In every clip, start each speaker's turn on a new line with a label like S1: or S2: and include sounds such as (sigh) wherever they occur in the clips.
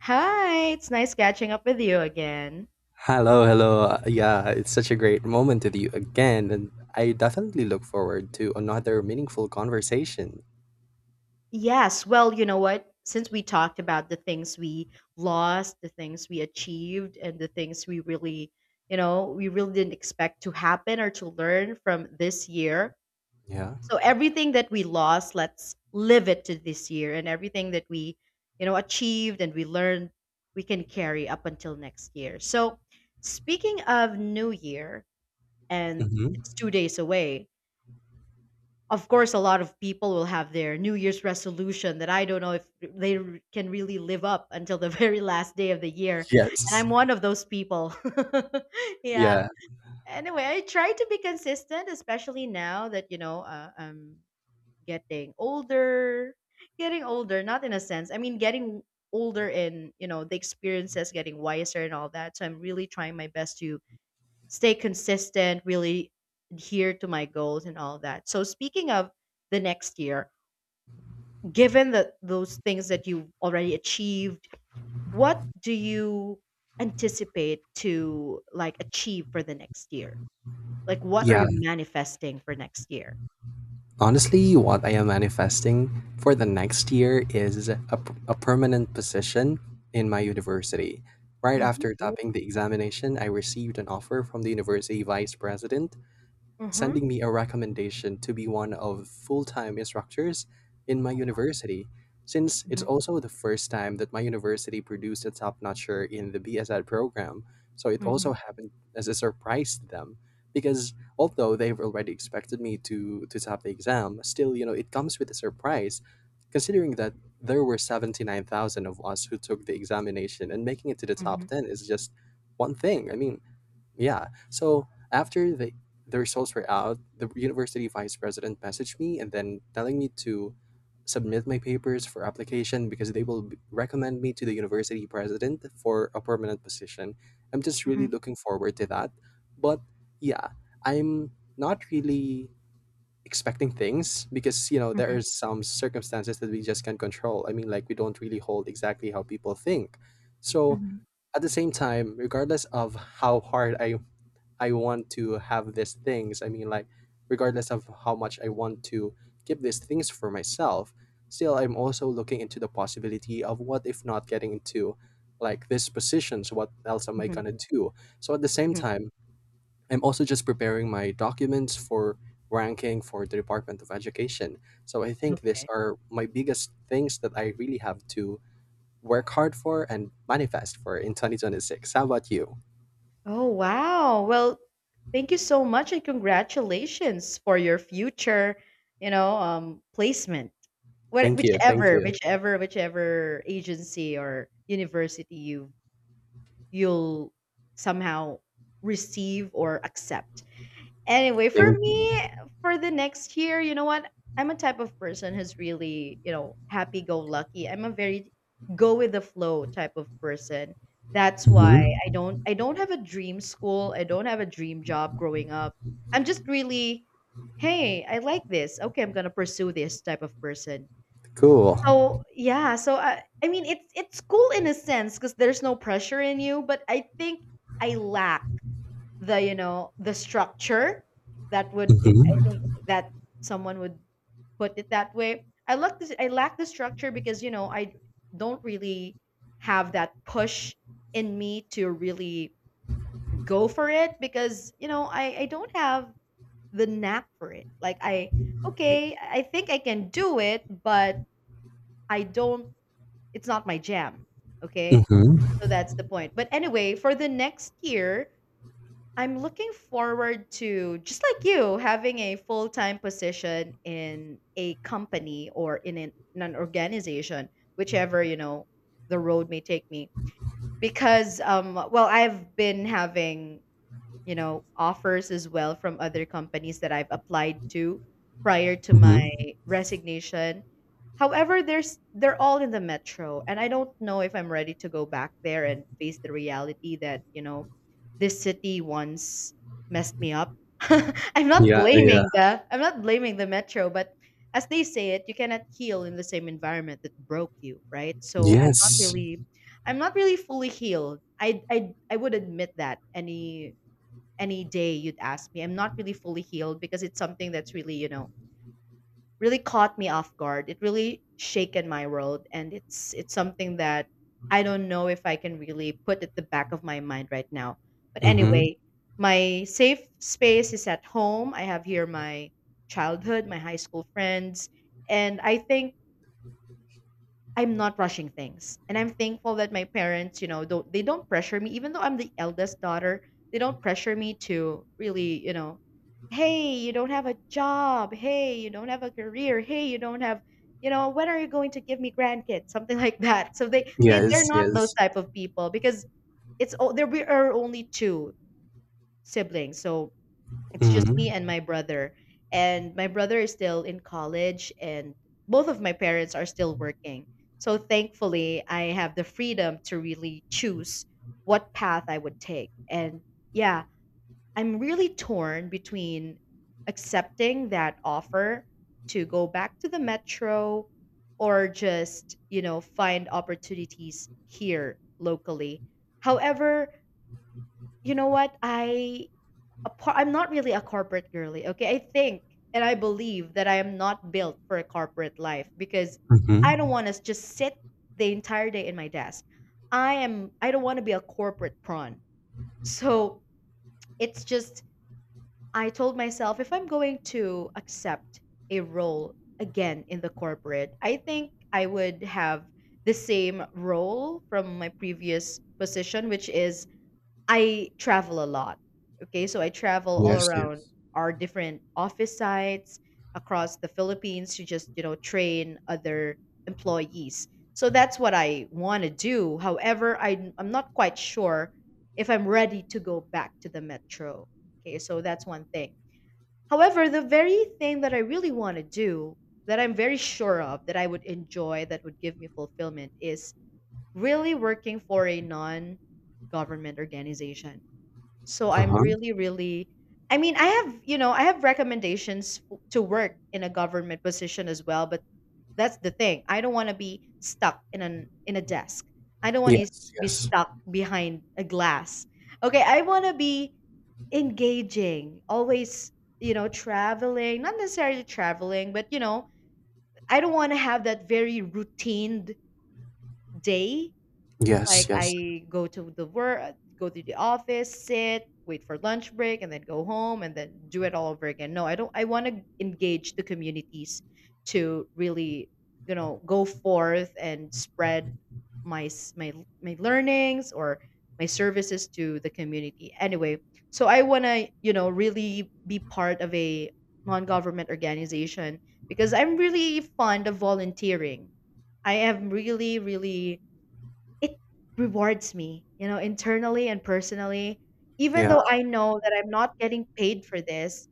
S1: Hi, it's nice catching up with you again.
S2: Hello, hello. Yeah, it's such a great moment with you again, and I definitely look forward to another meaningful conversation.
S1: Yes, well, you know what? Since we talked about the things we lost, the things we achieved, and the things we really, we really didn't expect to happen or to learn from this year.
S2: Yeah.
S1: So everything that we lost, let's live it to this year. And everything that we achieved and we learned, we can carry up until next year. So speaking of New Year, and
S2: Hmm.
S1: it's 2 days away. Of course, a lot of people will have their new year's resolution that I don't know if can really live up until the (laughs) very last day of the year, and
S2: Yes.
S1: I'm one of those people. (laughs) Yeah,
S2: Yeah.
S1: anyway, I try to be consistent, especially now that I'm getting older. Getting older not in a sense, I mean, getting older in the experiences, getting wiser and all that. So I'm really trying my best to stay consistent, really adhere to my goals and all that. So speaking of the next year, given that those things that you've already achieved, what do you anticipate to like achieve for the next year? Like what are
S2: Yeah.
S1: you manifesting for next year?
S2: Honestly, what I am manifesting for the next year is a permanent position in my university. Right
S1: Mhm.
S2: after
S1: Ooh.
S2: topping the examination, I received an offer from the university vice president
S1: Mhm.
S2: sending me a recommendation to be one of full-time instructors in my university, since it's
S1: Mhm.
S2: also the first time that my university produced a top-notcher in the BSED program, so it also
S1: Mhm.
S2: happened as a surprise to them, because although they've already expected me to top the exam, still, you know, it comes with a surprise, considering that there were 79,000 of us who took the examination, and making it to the top
S1: Mhm.
S2: 10 is just one thing. I mean, yeah. So after the results were out, the university vice president messaged me and then telling me to submit my papers for application, because they will recommend me to the university president for a permanent position. I'm just really
S1: Mhm.
S2: looking forward to that. But yeah, I'm not really expecting things, because you know there are
S1: Mhm.
S2: some circumstances that we just can't control. I mean, like, we don't really hold exactly how people think. So
S1: Mhm.
S2: at the same time, regardless of how hard I want to have these things. I mean, like, regardless of how much I want to keep these things for myself, still, I'm also looking into the possibility of, what if not getting into like these positions, what else am I
S1: Mhm.
S2: gonna do? So at the same
S1: Mhm.
S2: time, I'm also just preparing my documents for ranking for the Department of Education. So I think these
S1: Okay.
S2: are my biggest things that I really have to work hard for and manifest for in 2026. How about you?
S1: Oh, wow. Well, thank you so much and congratulations for your future, placement. What,
S2: Thank you. Thank
S1: whichever,
S2: you.
S1: whichever, whichever agency or university you'll somehow receive or accept. Anyway, for
S2: Thank
S1: me, for the next year, you know what? I'm a type of person who's really happy go lucky. I'm a very go with the flow type of person. That's why
S2: you.
S1: I don't have a dream school. I don't have a dream job growing up. I'm just really, hey, I like this. Okay, I'm gonna pursue this type of person.
S2: Cool.
S1: So yeah, so I mean it's cool in a sense because there's no pressure in you, but I think I lack the structure that would, I
S2: Mm-hmm.
S1: think, that someone would put it that way. I lack the structure because, you know, I, don't really have that push in me to really go for it because, you know, I don't have the knack for it. Like I okay, I think I can do it, but I don't it's not my jam. Okay.
S2: Mm-hmm.
S1: So that's the point. But anyway, for the next year, I'm looking forward to just like you having a full-time position in a company or in an organization, whichever, the road may take me. Because well, I've been having, offers as well from other companies that I've applied to prior to my
S2: Mm-hmm.
S1: resignation. However, there's they're all in the metro, and I don't know if I'm ready to go back there and face the reality that this city once messed me up. (laughs) I'm not
S2: Yeah, yeah.
S1: blaming the metro, but as they say it, you cannot heal in the same environment that broke you, right? So I'm not
S2: Yes.
S1: really I'm not really fully healed. I would admit that any day you'd ask me. I'm not really fully healed because it's something that's really caught me off guard. It really shaken my world and it's something that I don't know if I can really put at the back of my mind right now. But
S2: Mm-hmm.
S1: anyway, my safe space is at home. I have here my childhood, my high school friends, and I think I'm not rushing things. And I'm thankful that my parents don't pressure me, even though I'm the eldest daughter, they don't pressure me to really, hey, you don't have a job, hey, you don't have a career, hey, you don't have, when are you going to give me grandkids? Something (laughs) like that. So they're
S2: Yes,
S1: not those
S2: yes.
S1: type of people because there we are only two siblings. So it's just me
S2: Mm-hmm.
S1: and my brother is still in college, and both of my parents are still working. So thankfully, I have the freedom to really choose what path I would take. And yeah, I'm really torn between accepting that offer to go back to the metro or just find opportunities here locally. However, you know what? I'm not really a corporate girly, okay? I think and I believe that I am not built for a corporate life because
S2: Mm-hmm.
S1: I don't want to just sit the entire day in my desk. I don't want to be a corporate prawn. So it's just I told myself if I'm going to accept a role again in the corporate, I think I would have the same role from my previous position, which is I travel a lot. Okay, so I travel all
S2: Yes,
S1: around
S2: yes.
S1: our different office sites across the Philippines to just train other employees. So that's what I want to do. However, I'm not quite sure if I'm ready to go back to the metro. Okay, so that's one thing. However, the very thing that I really want to do, that I'm very sure of, that I would enjoy, that would give me fulfillment, is really working for a non government organization. So I'm
S2: Uh-huh.
S1: really, really, I mean, I have, I have recommendations to work in a government position as well, but that's the thing. I don't want to be stuck in a desk. I don't want to
S2: Yes,
S1: be
S2: yes.
S1: stuck behind a glass. Okay, I want to be engaging, always, traveling, not necessarily traveling, but I don't want to have that very routine day,
S2: Yes,
S1: like
S2: yes.
S1: I go to the work, go to the office, sit, wait for lunch break, and then go home and then do it all over again. No, I don't. I want to engage the communities to really, go forth and spread my s- my my learnings or my services to the community. Anyway, so I want to really be part of a non-government organization because I'm really fond of volunteering. I am really, really it rewards me internally and personally, even
S2: Yeah.
S1: though I know that I'm not getting paid for this,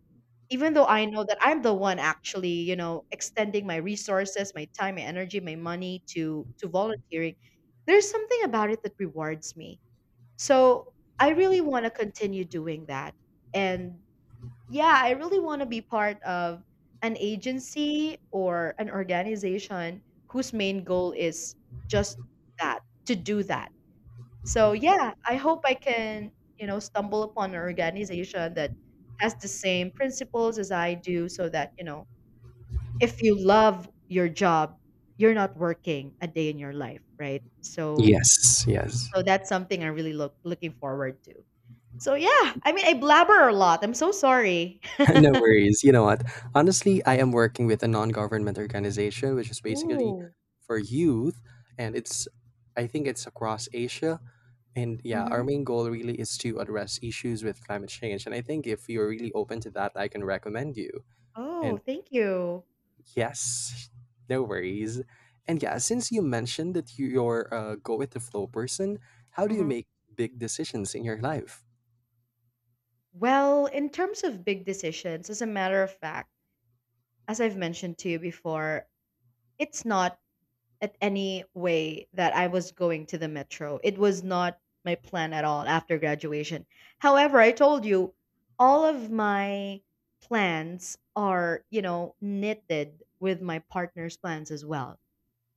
S1: even though I know that I'm the one actually extending my resources, my time, my energy, my money to volunteering, there's something about it that rewards me. So, I really want to continue doing that. And yeah, I really want to be part of an agency or an organization whose main goal is just that, to do that. So yeah, I hope I can stumble upon an organization that has the same principles as I do so that if you love your job, you're not working a day in your life, right? So
S2: Yes, yes.
S1: so that's something I really looking forward to. So yeah, I mean, I blabber a lot. I'm so sorry. (laughs)
S2: (laughs) No worries. You know what? Honestly, I am working with a non-government organization which is basically
S1: Oh.
S2: for youth, and it's I think it's across Asia. And yeah, our
S1: Mm-hmm.
S2: main goal really is to address issues with climate change. And I think if you're really open to that, I can recommend you.
S1: Oh,
S2: And
S1: thank you.
S2: yes, (laughs) no worries. And yeah, since you mentioned that you're a go with the flow person, how do you
S1: hmm
S2: make big decisions in your life?
S1: Well, in terms of big decisions, as a matter of fact, as I've mentioned to you before, it's not at any way that I was going to the metro. It was not my plan at all after graduation. However, I told you all of my plans are knitted with my partner's plans as well.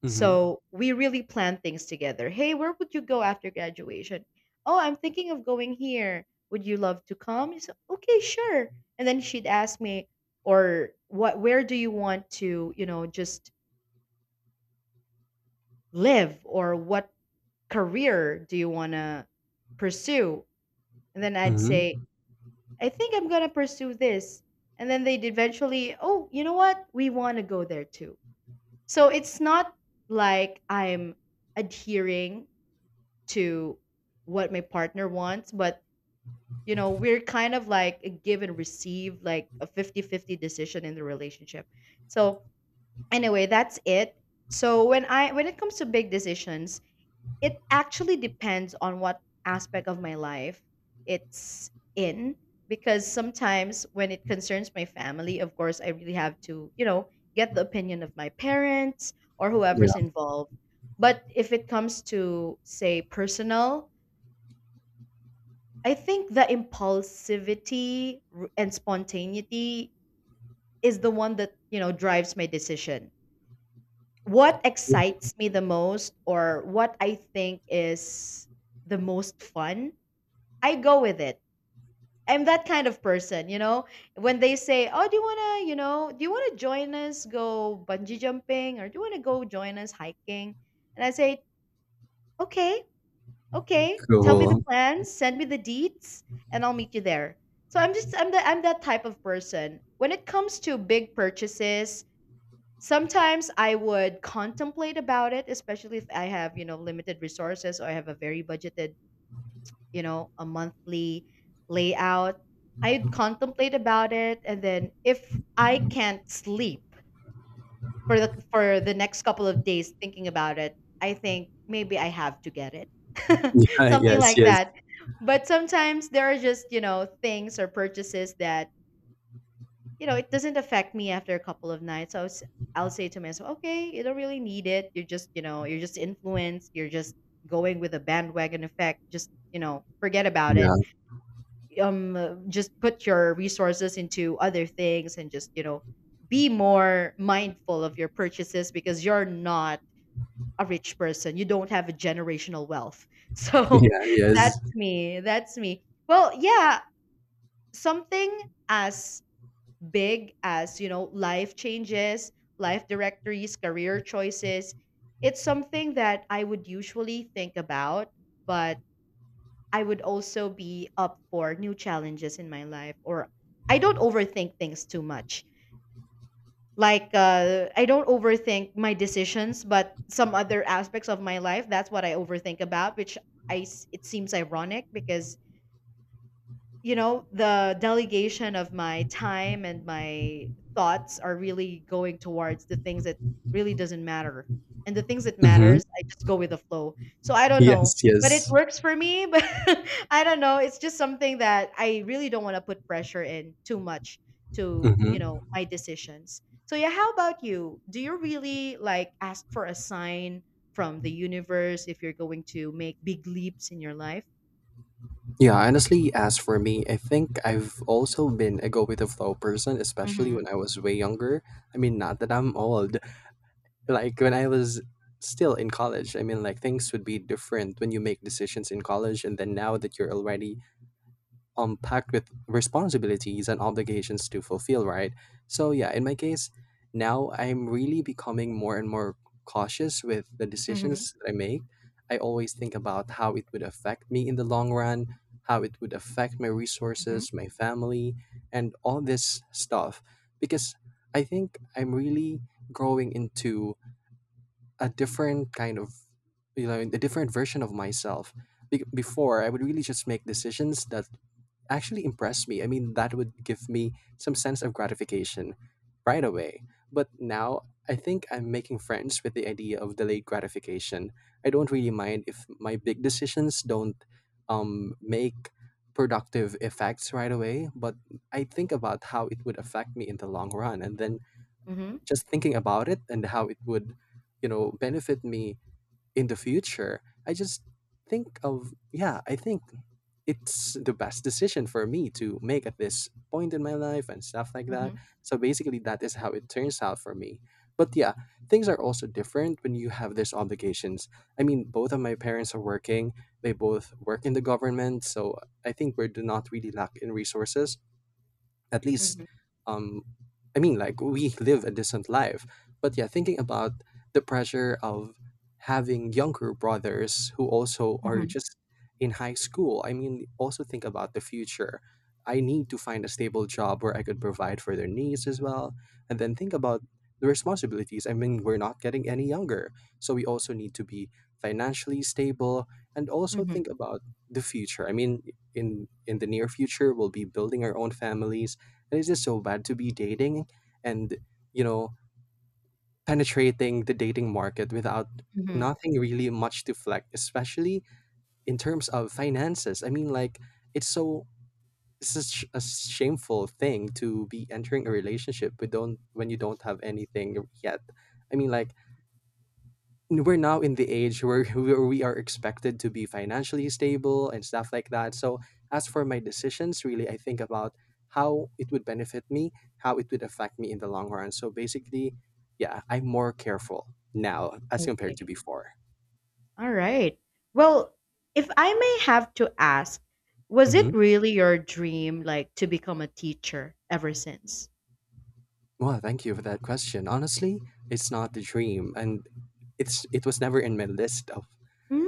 S2: Mm-hmm.
S1: So we really plan things together. Hey, where would you go after graduation? Oh, I'm thinking of going here. Would you love to come? I said, okay, sure. And then she'd ask me, or what where do you want to just live, or what career do you wanna pursue? And then I'd say,
S2: Mm-hmm.
S1: "I think I'm gonna pursue this." And then they'd eventually, "Oh, you know what? We wanna go there too." So it's not like I'm adhering to what my partner wants, but we're kind of like a give and receive, like a fifty-fifty decision in the relationship. So, anyway, that's it. So when it comes to big decisions, it actually depends on what aspect of my life it's in, because sometimes when it concerns my family, of course, I really have to get the opinion of my parents or
S2: Yeah.
S1: whoever's involved. But if it comes to, say, personal, I think the impulsivity and spontaneity is the one that drives my decision. What excites me the most or what I think is the most fun, I go with it. I'm that kind of person. When they say, "Oh, do you wanna do you wanna join us go bungee jumping, or do you wanna go join us hiking?" And I say, "Okay, okay. Tell me the
S2: Cool. (laughs)
S1: plans, send me the deets, and I'll meet you there." So I'm just I'm the I'm that type of person. When it comes to big purchases, sometimes I would contemplate about it, especially if I have limited resources, or I have a very budgeted, a monthly layout. I'd contemplate about it, and then if I can't sleep for the next couple of days thinking about it, I think maybe I have to get it. (laughs)
S2: Yeah.
S1: Something
S2: Yes.
S1: like
S2: Yes.
S1: that. But sometimes there are just things or purchases that it doesn't affect me after a couple of nights. I'll say to myself, okay, you don't really need it. You're just influenced. You're just going with a bandwagon effect. Just, forget about it.
S2: Yeah.
S1: Just put your resources into other things, and just be more mindful of your purchases, because you're not a rich person. You don't have a generational wealth. (laughs)
S2: (laughs)
S1: So
S2: Yeah.
S1: that's
S2: Yes.
S1: me, that's me. Well, yeah, something as big as, life changes, life directories, career choices, it's something that I would usually think about. But I would also be up for new challenges in my life. Or I don't overthink things too much. Like, I don't overthink my decisions, but some other aspects of my life, that's what I overthink about, which it seems ironic, because, the delegation of my time and my thoughts are really going towards the things that really doesn't matter. And the things that
S2: Mm-hmm.
S1: matters, I just go with the flow. So I don't know,
S2: Yes.
S1: but it
S2: Yes.
S1: works for me, (laughs) but I don't know, it's just something that I really don't want to put pressure in too much to, you
S2: Mm-hmm.
S1: know, my decisions. So yeah, how about you? Do you really like ask for a sign from the universe if you're going to make big leaps in your life?
S2: Yeah. Honestly, as for me, I think I've also been a go with the flow person, especially
S1: Mhm.
S2: when I was way younger. I mean, not that I'm old, like when I was still in college. I mean, like, things would be different when you make decisions in college, and then now that you're already packed with responsibilities and obligations to fulfill, right? So yeah, in my case, now I'm really becoming more and more cautious with the
S1: Mhm.
S2: decisions that I make. I always think about how it would affect me in the long run, how it would affect my
S1: Mhm.
S2: resources, my family, and all this stuff, because I think I'm really growing into a different kind of, a different version of myself. Before I would really just make decisions that actually impress me. I mean, that would give me some sense of gratification right away. But now I think I'm making friends with the idea of delayed gratification. I don't really mind if my big decisions don't make productive effects right away, but I think about how it would affect me in the long run, and then
S1: Mhm.
S2: just thinking about it and how it would, you know, benefit me in the future. I just think of, yeah, I think it's the best decision for me to make at this point in my life, and stuff like that.
S1: Mhm,
S2: So basically that is how it turns out for me. But yeah, things are also different when you have these obligations. I mean, both of my parents are working, they both work in the government, so I think we do not really lack in resources, at least.
S1: mhm,
S2: um I mean, like, we live a decent life. But yeah, thinking about the pressure of having younger brothers who also are
S1: mhm,
S2: just in high school, I mean, also think about the future. I need to find a stable job where I could provide for their needs as well. And then think about the responsibilities. I mean, we're not getting any younger, so we also need to be financially stable. And also
S1: mhm,
S2: think about the future. I mean, in the near future, we'll be building our own families. And it's just so bad to be dating and, you know, penetrating the dating market without
S1: mhm.
S2: nothing really much to flex, especially in terms of finances. I mean, like, it's so it's such a shameful thing to be entering a relationship with, don't, when you don't have anything yet. I mean, like, we're now in the age where (laughs) where we are expected to be financially stable and stuff like that. So as for my decisions, really, I think about how it would benefit me, how it would affect me in the long run. So basically, yeah, I'm more careful now as compared to
S1: Okay.
S2: before.
S1: All right. Well, if I may have to ask, was
S2: Hmm.
S1: it really your dream, like, to become a teacher ever since?
S2: Well, thank you for that question. Honestly, it's not the dream, and it was never in my list of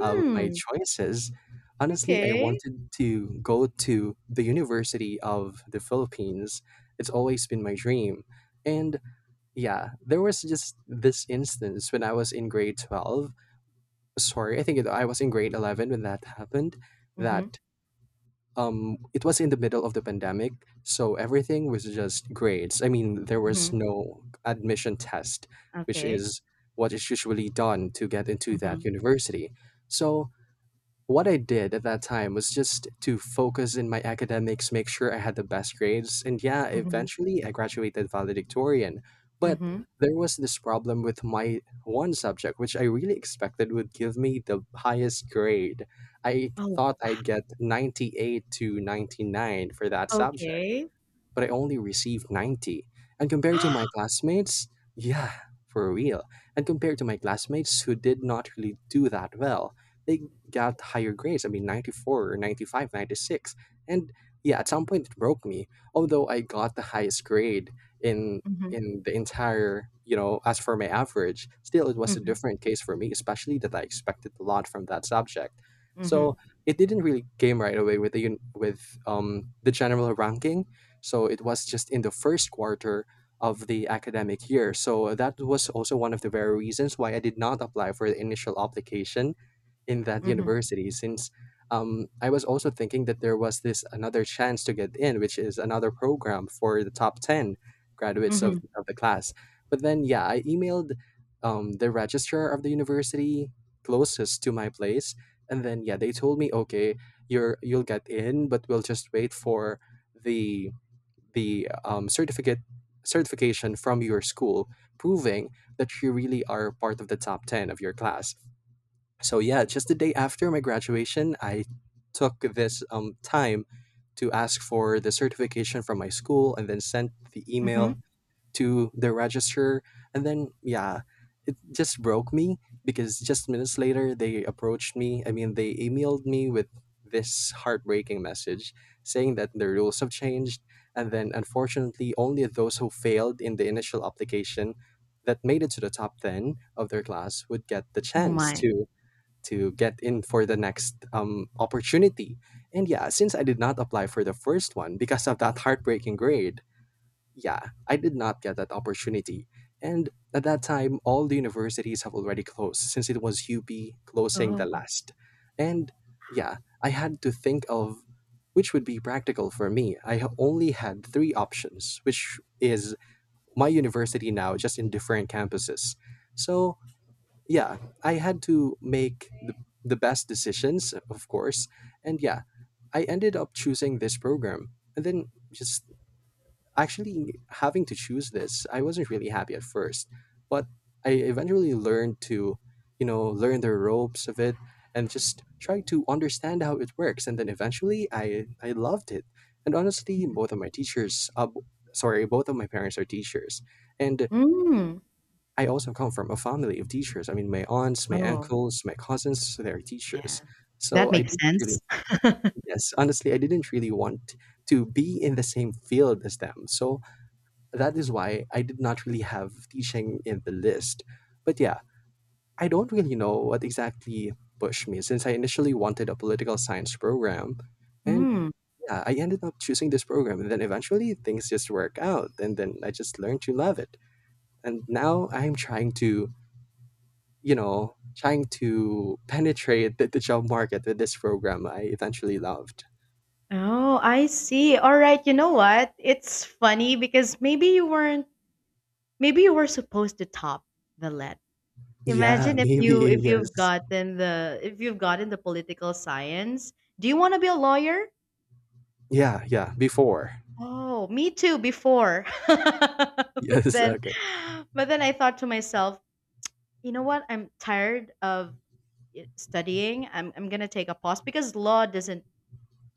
S2: of my choices. Honestly, I
S1: okay.
S2: wanted to go to the University of the Philippines. It's always been my dream. And yeah, there was just this instance when I was in grade 12. Sorry, I was in grade 11 when that happened.
S1: Mm-hmm,
S2: That it was in the middle of the pandemic, so everything was just grades. I mean, there was
S1: mm-hmm,
S2: no admission test, which
S1: okay.
S2: is what is usually done to get into that
S1: Mm-hmm,
S2: university. So what I did at that time was just to focus in my academics, make sure I had the best grades, and yeah,
S1: mm-hmm,
S2: eventually I graduated valedictorian. But
S1: mm-hmm.
S2: there was this problem with my one subject, which I really expected would give me the highest grade. I
S1: Oh,
S2: thought I'd get 98 to 99 for that subject,
S1: okay.
S2: but I only received 90. And compared to my
S1: (gasps)
S2: classmates, yeah, for real. And compared to my classmates who did not really do that well, they got higher grades. I mean, 94 or 95, 96. And yeah, at some point it broke me. Although I got the highest grade in
S1: Mm-hmm,
S2: in the entire, you know, as for my average, still it was a
S1: mm-hmm,
S2: different case for me, especially that I expected a lot from that subject.
S1: mm-hmm,
S2: So it didn't really came right away with the general ranking, so it was just in the first quarter of the academic year. So that was also one of the very reasons why I did not apply for the initial application in that
S1: mm-hmm,
S2: university, since I was also thinking that there was this another chance to get in, which is another program for the top 10 graduates
S1: mm-hmm,
S2: of the class. But then, yeah, I emailed the registrar of the university closest to my place. And then, yeah, they told me, okay, you'll get in, but we'll just wait for the the certificate certification from your school, proving that you really are part of the top 10 of your class. So yeah, just the day after my graduation I took this time to ask for the certification from my school and then sent the
S1: mm-hmm.
S2: email to the register. And then yeah, it just broke me, because just minutes later they approached me. I mean, they emailed me with this heartbreaking message saying that the rules have changed, and then unfortunately only those who failed in the initial application that made it to the top 10 of their class would get the
S1: Oh
S2: chance
S1: my.
S2: to get in for the next opportunity. And yeah, since I did not apply for the first one because of that heartbreaking grade, yeah, I did not get that opportunity. And at that time, all the universities have already closed since it was UP closing the
S1: Oh.
S2: last. And yeah, I had to think of which would be practical for me. I only had three options, which is my university now, just in different campuses. So yeah, I had to make the best decisions, of course. And yeah, I ended up choosing this program. And then just actually, having to choose this, I wasn't really happy at first, but I eventually learned to, you know, learn the ropes of it and just try to understand how it works. And then eventually, I loved it. And honestly, both of my teachers, sorry, both of my parents are teachers, and
S1: Mm.
S2: I also come from a family of teachers. I mean, my aunts, my
S1: Oh,
S2: uncles, my cousins, they're
S1: yeah.
S2: teachers.
S1: That
S2: So I
S1: makes
S2: didn't really,
S1: sense. (laughs)
S2: yes, honestly, I didn't really want to be in the same field as them. So that is why I did not really have teaching in the list. But yeah, I don't really know what exactly pushed me since I initially wanted a political science program. And
S1: Mm.
S2: yeah, I ended up choosing this program. And then eventually things just work out. And then I just learned to love it. And now I'm trying to, trying to penetrate the job market with this program I eventually loved.
S1: Oh, I see. All right, you know what? It's funny because maybe you weren't maybe you were supposed to top the let.
S2: Yeah, (laughs)
S1: Imagine if you
S2: maybe.
S1: if you've
S2: Yes.
S1: gotten the if you've gotten the political science. Do you want to be a lawyer?
S2: Yeah, yeah. Before. (laughs)
S1: Oh, me too before. (laughs) But
S2: Yes.
S1: then,
S2: Okay.
S1: I thought to myself, you know what? I'm tired of studying. I'm going to take a pause, because law doesn't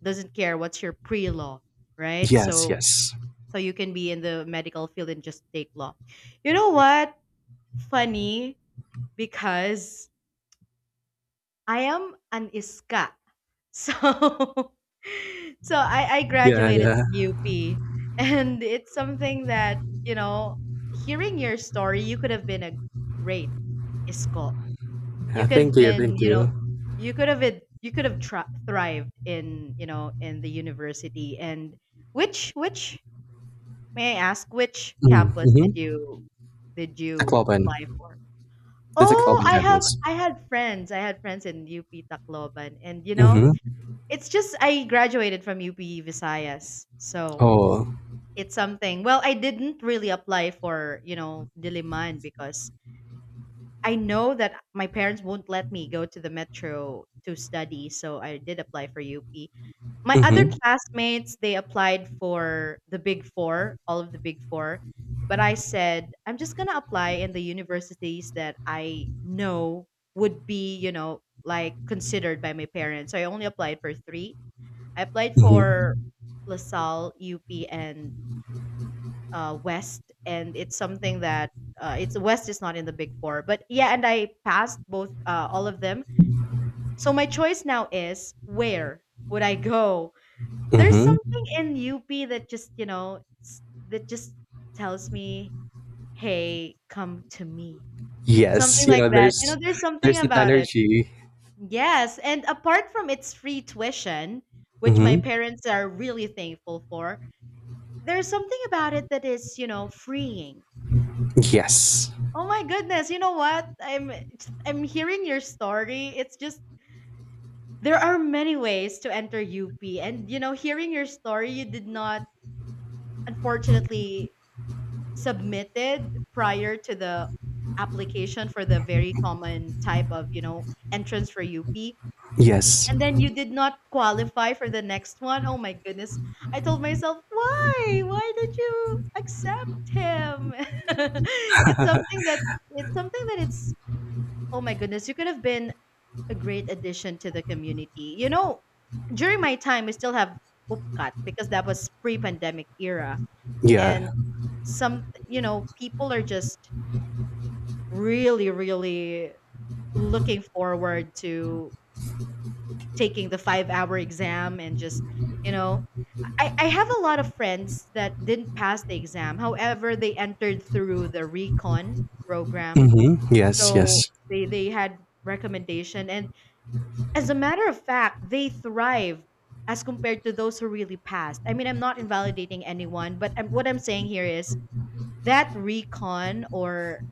S1: doesn't care what's your pre-law, right?
S2: Yes,
S1: So
S2: yes.
S1: So you can be in the medical field and just take law. You know what? Funny, because I am an iska. So (laughs) So I
S2: Yeah,
S1: graduated
S2: yeah.
S1: from UP, and it's something that, you know, hearing your story, you could have been a great isko. You
S2: Yeah,
S1: could
S2: thank
S1: have
S2: you,
S1: been,
S2: thank
S1: you know,
S2: you.
S1: you could have it you could have tri- thrived in the university. And which, may I ask, which campus did
S2: Mm-hmm.
S1: you
S2: Tacloban.
S1: apply for?
S2: The
S1: Oh,
S2: Tacloban
S1: I have
S2: campus.
S1: I had friends. I had friends in UP Tacloban. And, you know,
S2: Mm-hmm.
S1: it's just I graduated from UP Visayas. So,
S2: Oh.
S1: it's something. Well, I didn't really apply for Diliman, because I know that my parents won't let me go to the metro to study, so I did apply for UP. My other
S2: Mm-hmm.
S1: classmates, they applied for the Big Four, all of the Big Four. But I said, I'm just going to apply in the universities that I know would be, like considered by my parents. So I only applied for three. I applied
S2: Mm-hmm.
S1: for LaSalle, UP, and West. And it's something that it's West is not in the Big Four. But yeah, and I passed all of them. So my choice now is, where would I go? There's
S2: Mm-hmm.
S1: something in UP that just, you know, s- that just tells me, "Hey, come to me."
S2: Yes.
S1: Something
S2: You
S1: like
S2: know,
S1: that.
S2: there's
S1: There's something
S2: there's that
S1: about it.
S2: energy.
S1: Yes, and apart from its free tuition, which my
S2: Mm-hmm.
S1: parents are really thankful for, there's something about it that is freeing.
S2: Yes.
S1: Oh my goodness, you know what? I'm hearing your story. It's just, there are many ways to enter UP, and, hearing your story, you did not, unfortunately, submitted prior to the application for the very common type of entrance for UP.
S2: Yes.
S1: And then you did not qualify for the next one. Oh my goodness. I told myself, why? Why did you accept him? (laughs) it's something that it's something that it's Oh my goodness, you could have been a great addition to the community. During my time we still have Upkat, because that was pre-pandemic era, and
S2: Yeah.
S1: some people are just really really looking forward to taking the 5-hour exam, and just, you know, I have a lot of friends that didn't pass the exam, however they entered through the recon program.
S2: Mm-hmm. Yes,
S1: So
S2: yes.
S1: they had recommendation, and as a matter of fact, they thrived as compared to those who really passed. I mean, I'm not invalidating anyone, but what I'm saying here is that recon, or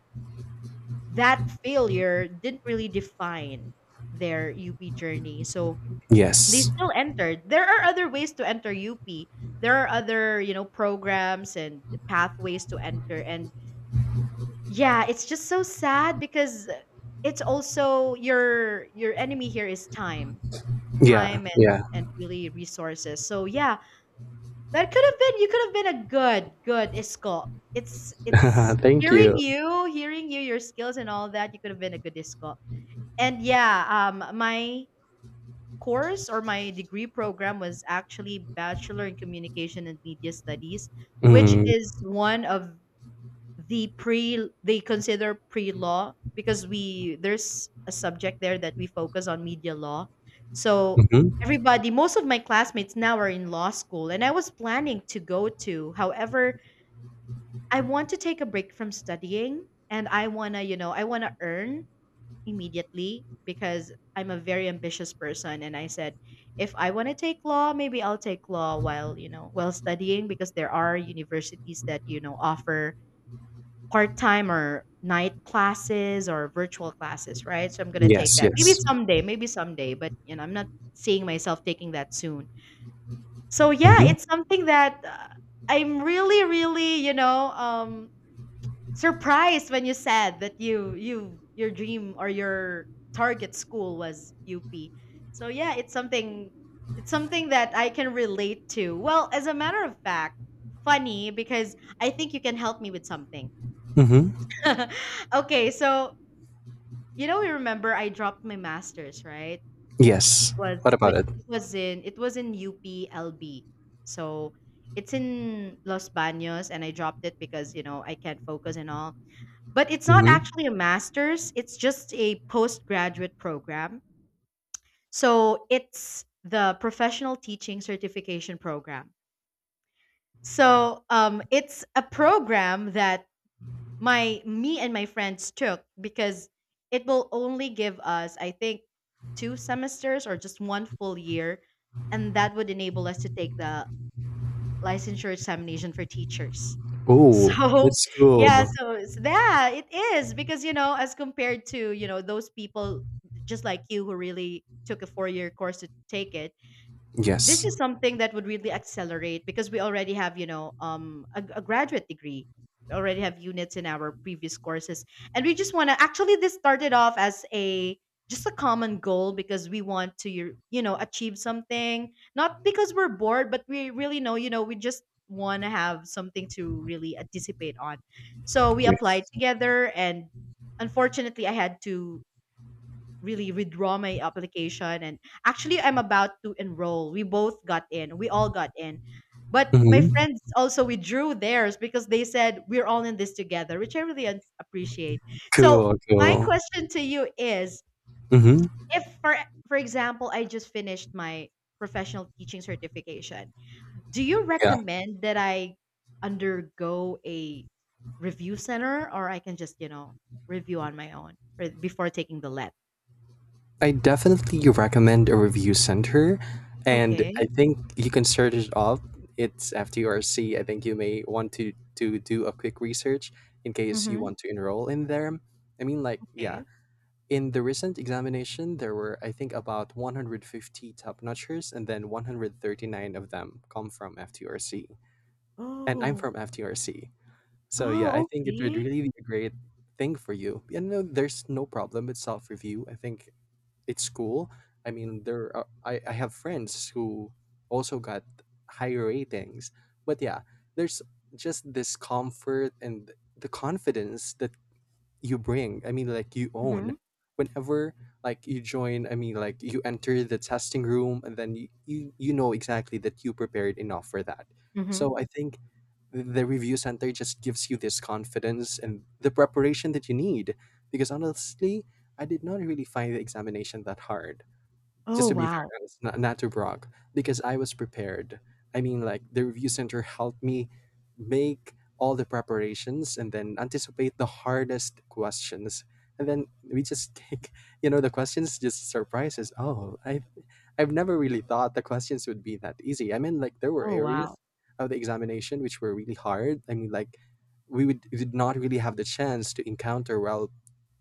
S1: that failure, didn't really define their UP journey. So they
S2: Yes.
S1: still entered. There are other ways to enter UP. There are other programs and pathways to enter. And yeah, it's just so sad, because it's also your, enemy here is time.
S2: Yeah.
S1: Time,
S2: Yeah.
S1: and really resources. So yeah, that could have been you could have been a good, good isco. It's
S2: (laughs) Thank you.
S1: hearing you, your skills and all that, you could have been a good isco. And yeah, my course, or my degree program, was actually Bachelor in Communication and Media Studies, which
S2: Mm-hmm.
S1: is one of the pre they consider pre law, because we there's a subject there that we focus on media law. So
S2: Mm-hmm.
S1: everybody, most of my classmates now, are in law school, and I was planning to go to. However, I want to take a break from studying, and I wanna, you know, I wanna earn immediately, because I'm a very ambitious person, and I said, if I want to take law, maybe I'll take law while, while studying, because there are universities that offer part-time or night classes or virtual classes, right? So I'm going to take
S2: Yes,
S1: that, maybe
S2: yes.
S1: someday, maybe someday, but I'm not seeing myself taking that soon. So yeah,
S2: Mm-hmm.
S1: it's something that, I'm really really, surprised when you said that your dream, or your target school, was UP. So yeah, it's something that I can relate to. Well, as a matter of fact, funny because I think you can help me with something.
S2: Mm-hmm.
S1: (laughs) okay, so, you remember I dropped my masters, right?
S2: Yes. What
S1: Was
S2: about it?
S1: it was in UPLB. So it's in Los Baños, and I dropped it because, you know, I can't focus and all. But it's not
S2: Mm-hmm.
S1: actually a master's, it's just a postgraduate program. So it's the professional teaching certification program. So, it's a program that my me and my friends took, because it will only give us, I think, two semesters or just one full year, and that would enable us to take the licensure examination for teachers.
S2: Oh,
S1: So,
S2: that's
S1: (laughs) yeah,
S2: cool.
S1: so it's that it is, because, you know, as compared to, you know, those people just like you who really took a four-year course to take it, this
S2: Yes.
S1: is something that would really accelerate, because we already have a graduate degree. We already have units in our previous courses, and we just want to, actually, this started off as a, just a common goal, because we want to achieve something, not because we're bored, but we really know, we just want to have something to really anticipate on. So we applied
S2: Yes.
S1: together, and unfortunately, I had to really withdraw my application. And actually, I'm about to enroll. We both got in. We all got in. But my
S2: Hmm.
S1: friends also withdrew theirs, because they said we're all in this together, which I really appreciate. So
S2: Cool,
S1: my
S2: cool.
S1: question to you is,
S2: Hmm.
S1: if, for example, I just finished my professional teaching certification, do you
S2: Yeah.
S1: recommend that I undergo a review center, or I can just, review on my own before taking the let?
S2: I definitely recommend a review center. And I
S1: Okay.
S2: think you can search it up. It's FTRC. I think you may want to do a quick research in case you
S1: Mm-hmm.
S2: want to enroll in there. I mean, like, yeah.
S1: Okay.
S2: In the recent examination, there were, I think, about 150 top notchers, and then 139 of them come from FTRC. And I'm
S1: Oh.
S2: from FTRC. So yeah, I
S1: Oh,
S2: think it would
S1: okay.
S2: really be a great thing for you. And no, there's no problem with self-review. I think it's cool. I mean, I have friends who also got higher ratings. But yeah, there's just this comfort and the confidence that you bring. I mean, like you own.
S1: Mhm,
S2: Whenever, like you join, I mean, like you enter the testing room and then you, you know exactly that you prepared enough for that.
S1: mhm.
S2: So I think the review center just gives you this confidence and the preparation that you need, because honestly I did not really find the examination that hard, just
S1: Oh,
S2: to be
S1: wow.
S2: very honest, not to brag, because I was prepared. I mean, like the review center helped me make all the preparations and then anticipate the hardest questions. And then we just take, (laughs) the questions just surprises. Oh, I've never really thought the questions would be that easy. I mean, like there were
S1: Oh, wow.
S2: areas of the examination which were really hard. I mean, like we did not really have the chance to encounter, well,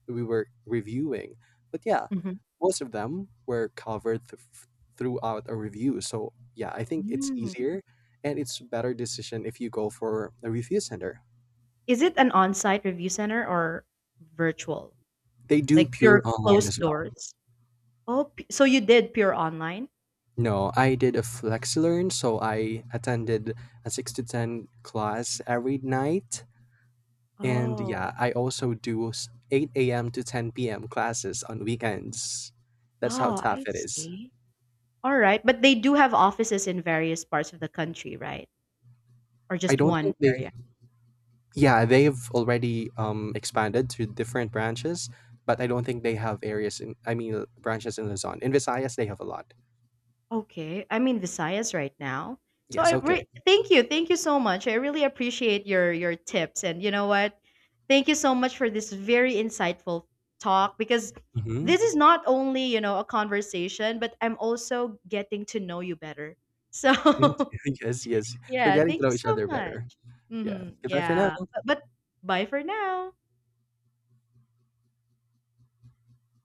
S2: we were reviewing. But yeah,
S1: Mhm.
S2: most of them were covered throughout a review. So yeah, I think it's
S1: Mm.
S2: easier and it's better decision if you go for a review center.
S1: Is it an on-site review center, or virtual?
S2: They do
S1: Like,
S2: pure
S1: you're
S2: online
S1: closed
S2: as well.
S1: doors? Oh, p so you did pure online?
S2: No, I did a FlexiLearn, so I attended a 6 to 10 class every night. And
S1: Oh.
S2: yeah, I also do 8 a.m. to 10 p.m. classes on weekends. That's how
S1: Oh, I
S2: tough it is.
S1: see. Alright, but they do have offices in various parts of the country, right? Or
S2: I
S1: just
S2: don't
S1: one
S2: think they
S1: area?
S2: Yeah, they've already expanded to different branches, but I don't think they have areas in, I mean, branches in Luzon. In Visayas, they have a lot.
S1: Okay, I'm in Visayas right now. So
S2: Yes, okay.
S1: thank you so much. I really appreciate your tips, and you know what? Thank you so much for this very insightful talk, because
S2: Mm-hmm.
S1: this is not only a conversation, but I'm also getting to know you better. So
S2: Thank you. (laughs) Yes, yes.
S1: (laughs)
S2: We're
S1: yeah,
S2: getting to
S1: thank
S2: know
S1: you
S2: each
S1: so
S2: other
S1: much.
S2: better. Yeah.
S1: Hmm,
S2: Goodbye for now.
S1: yeah, but bye for now.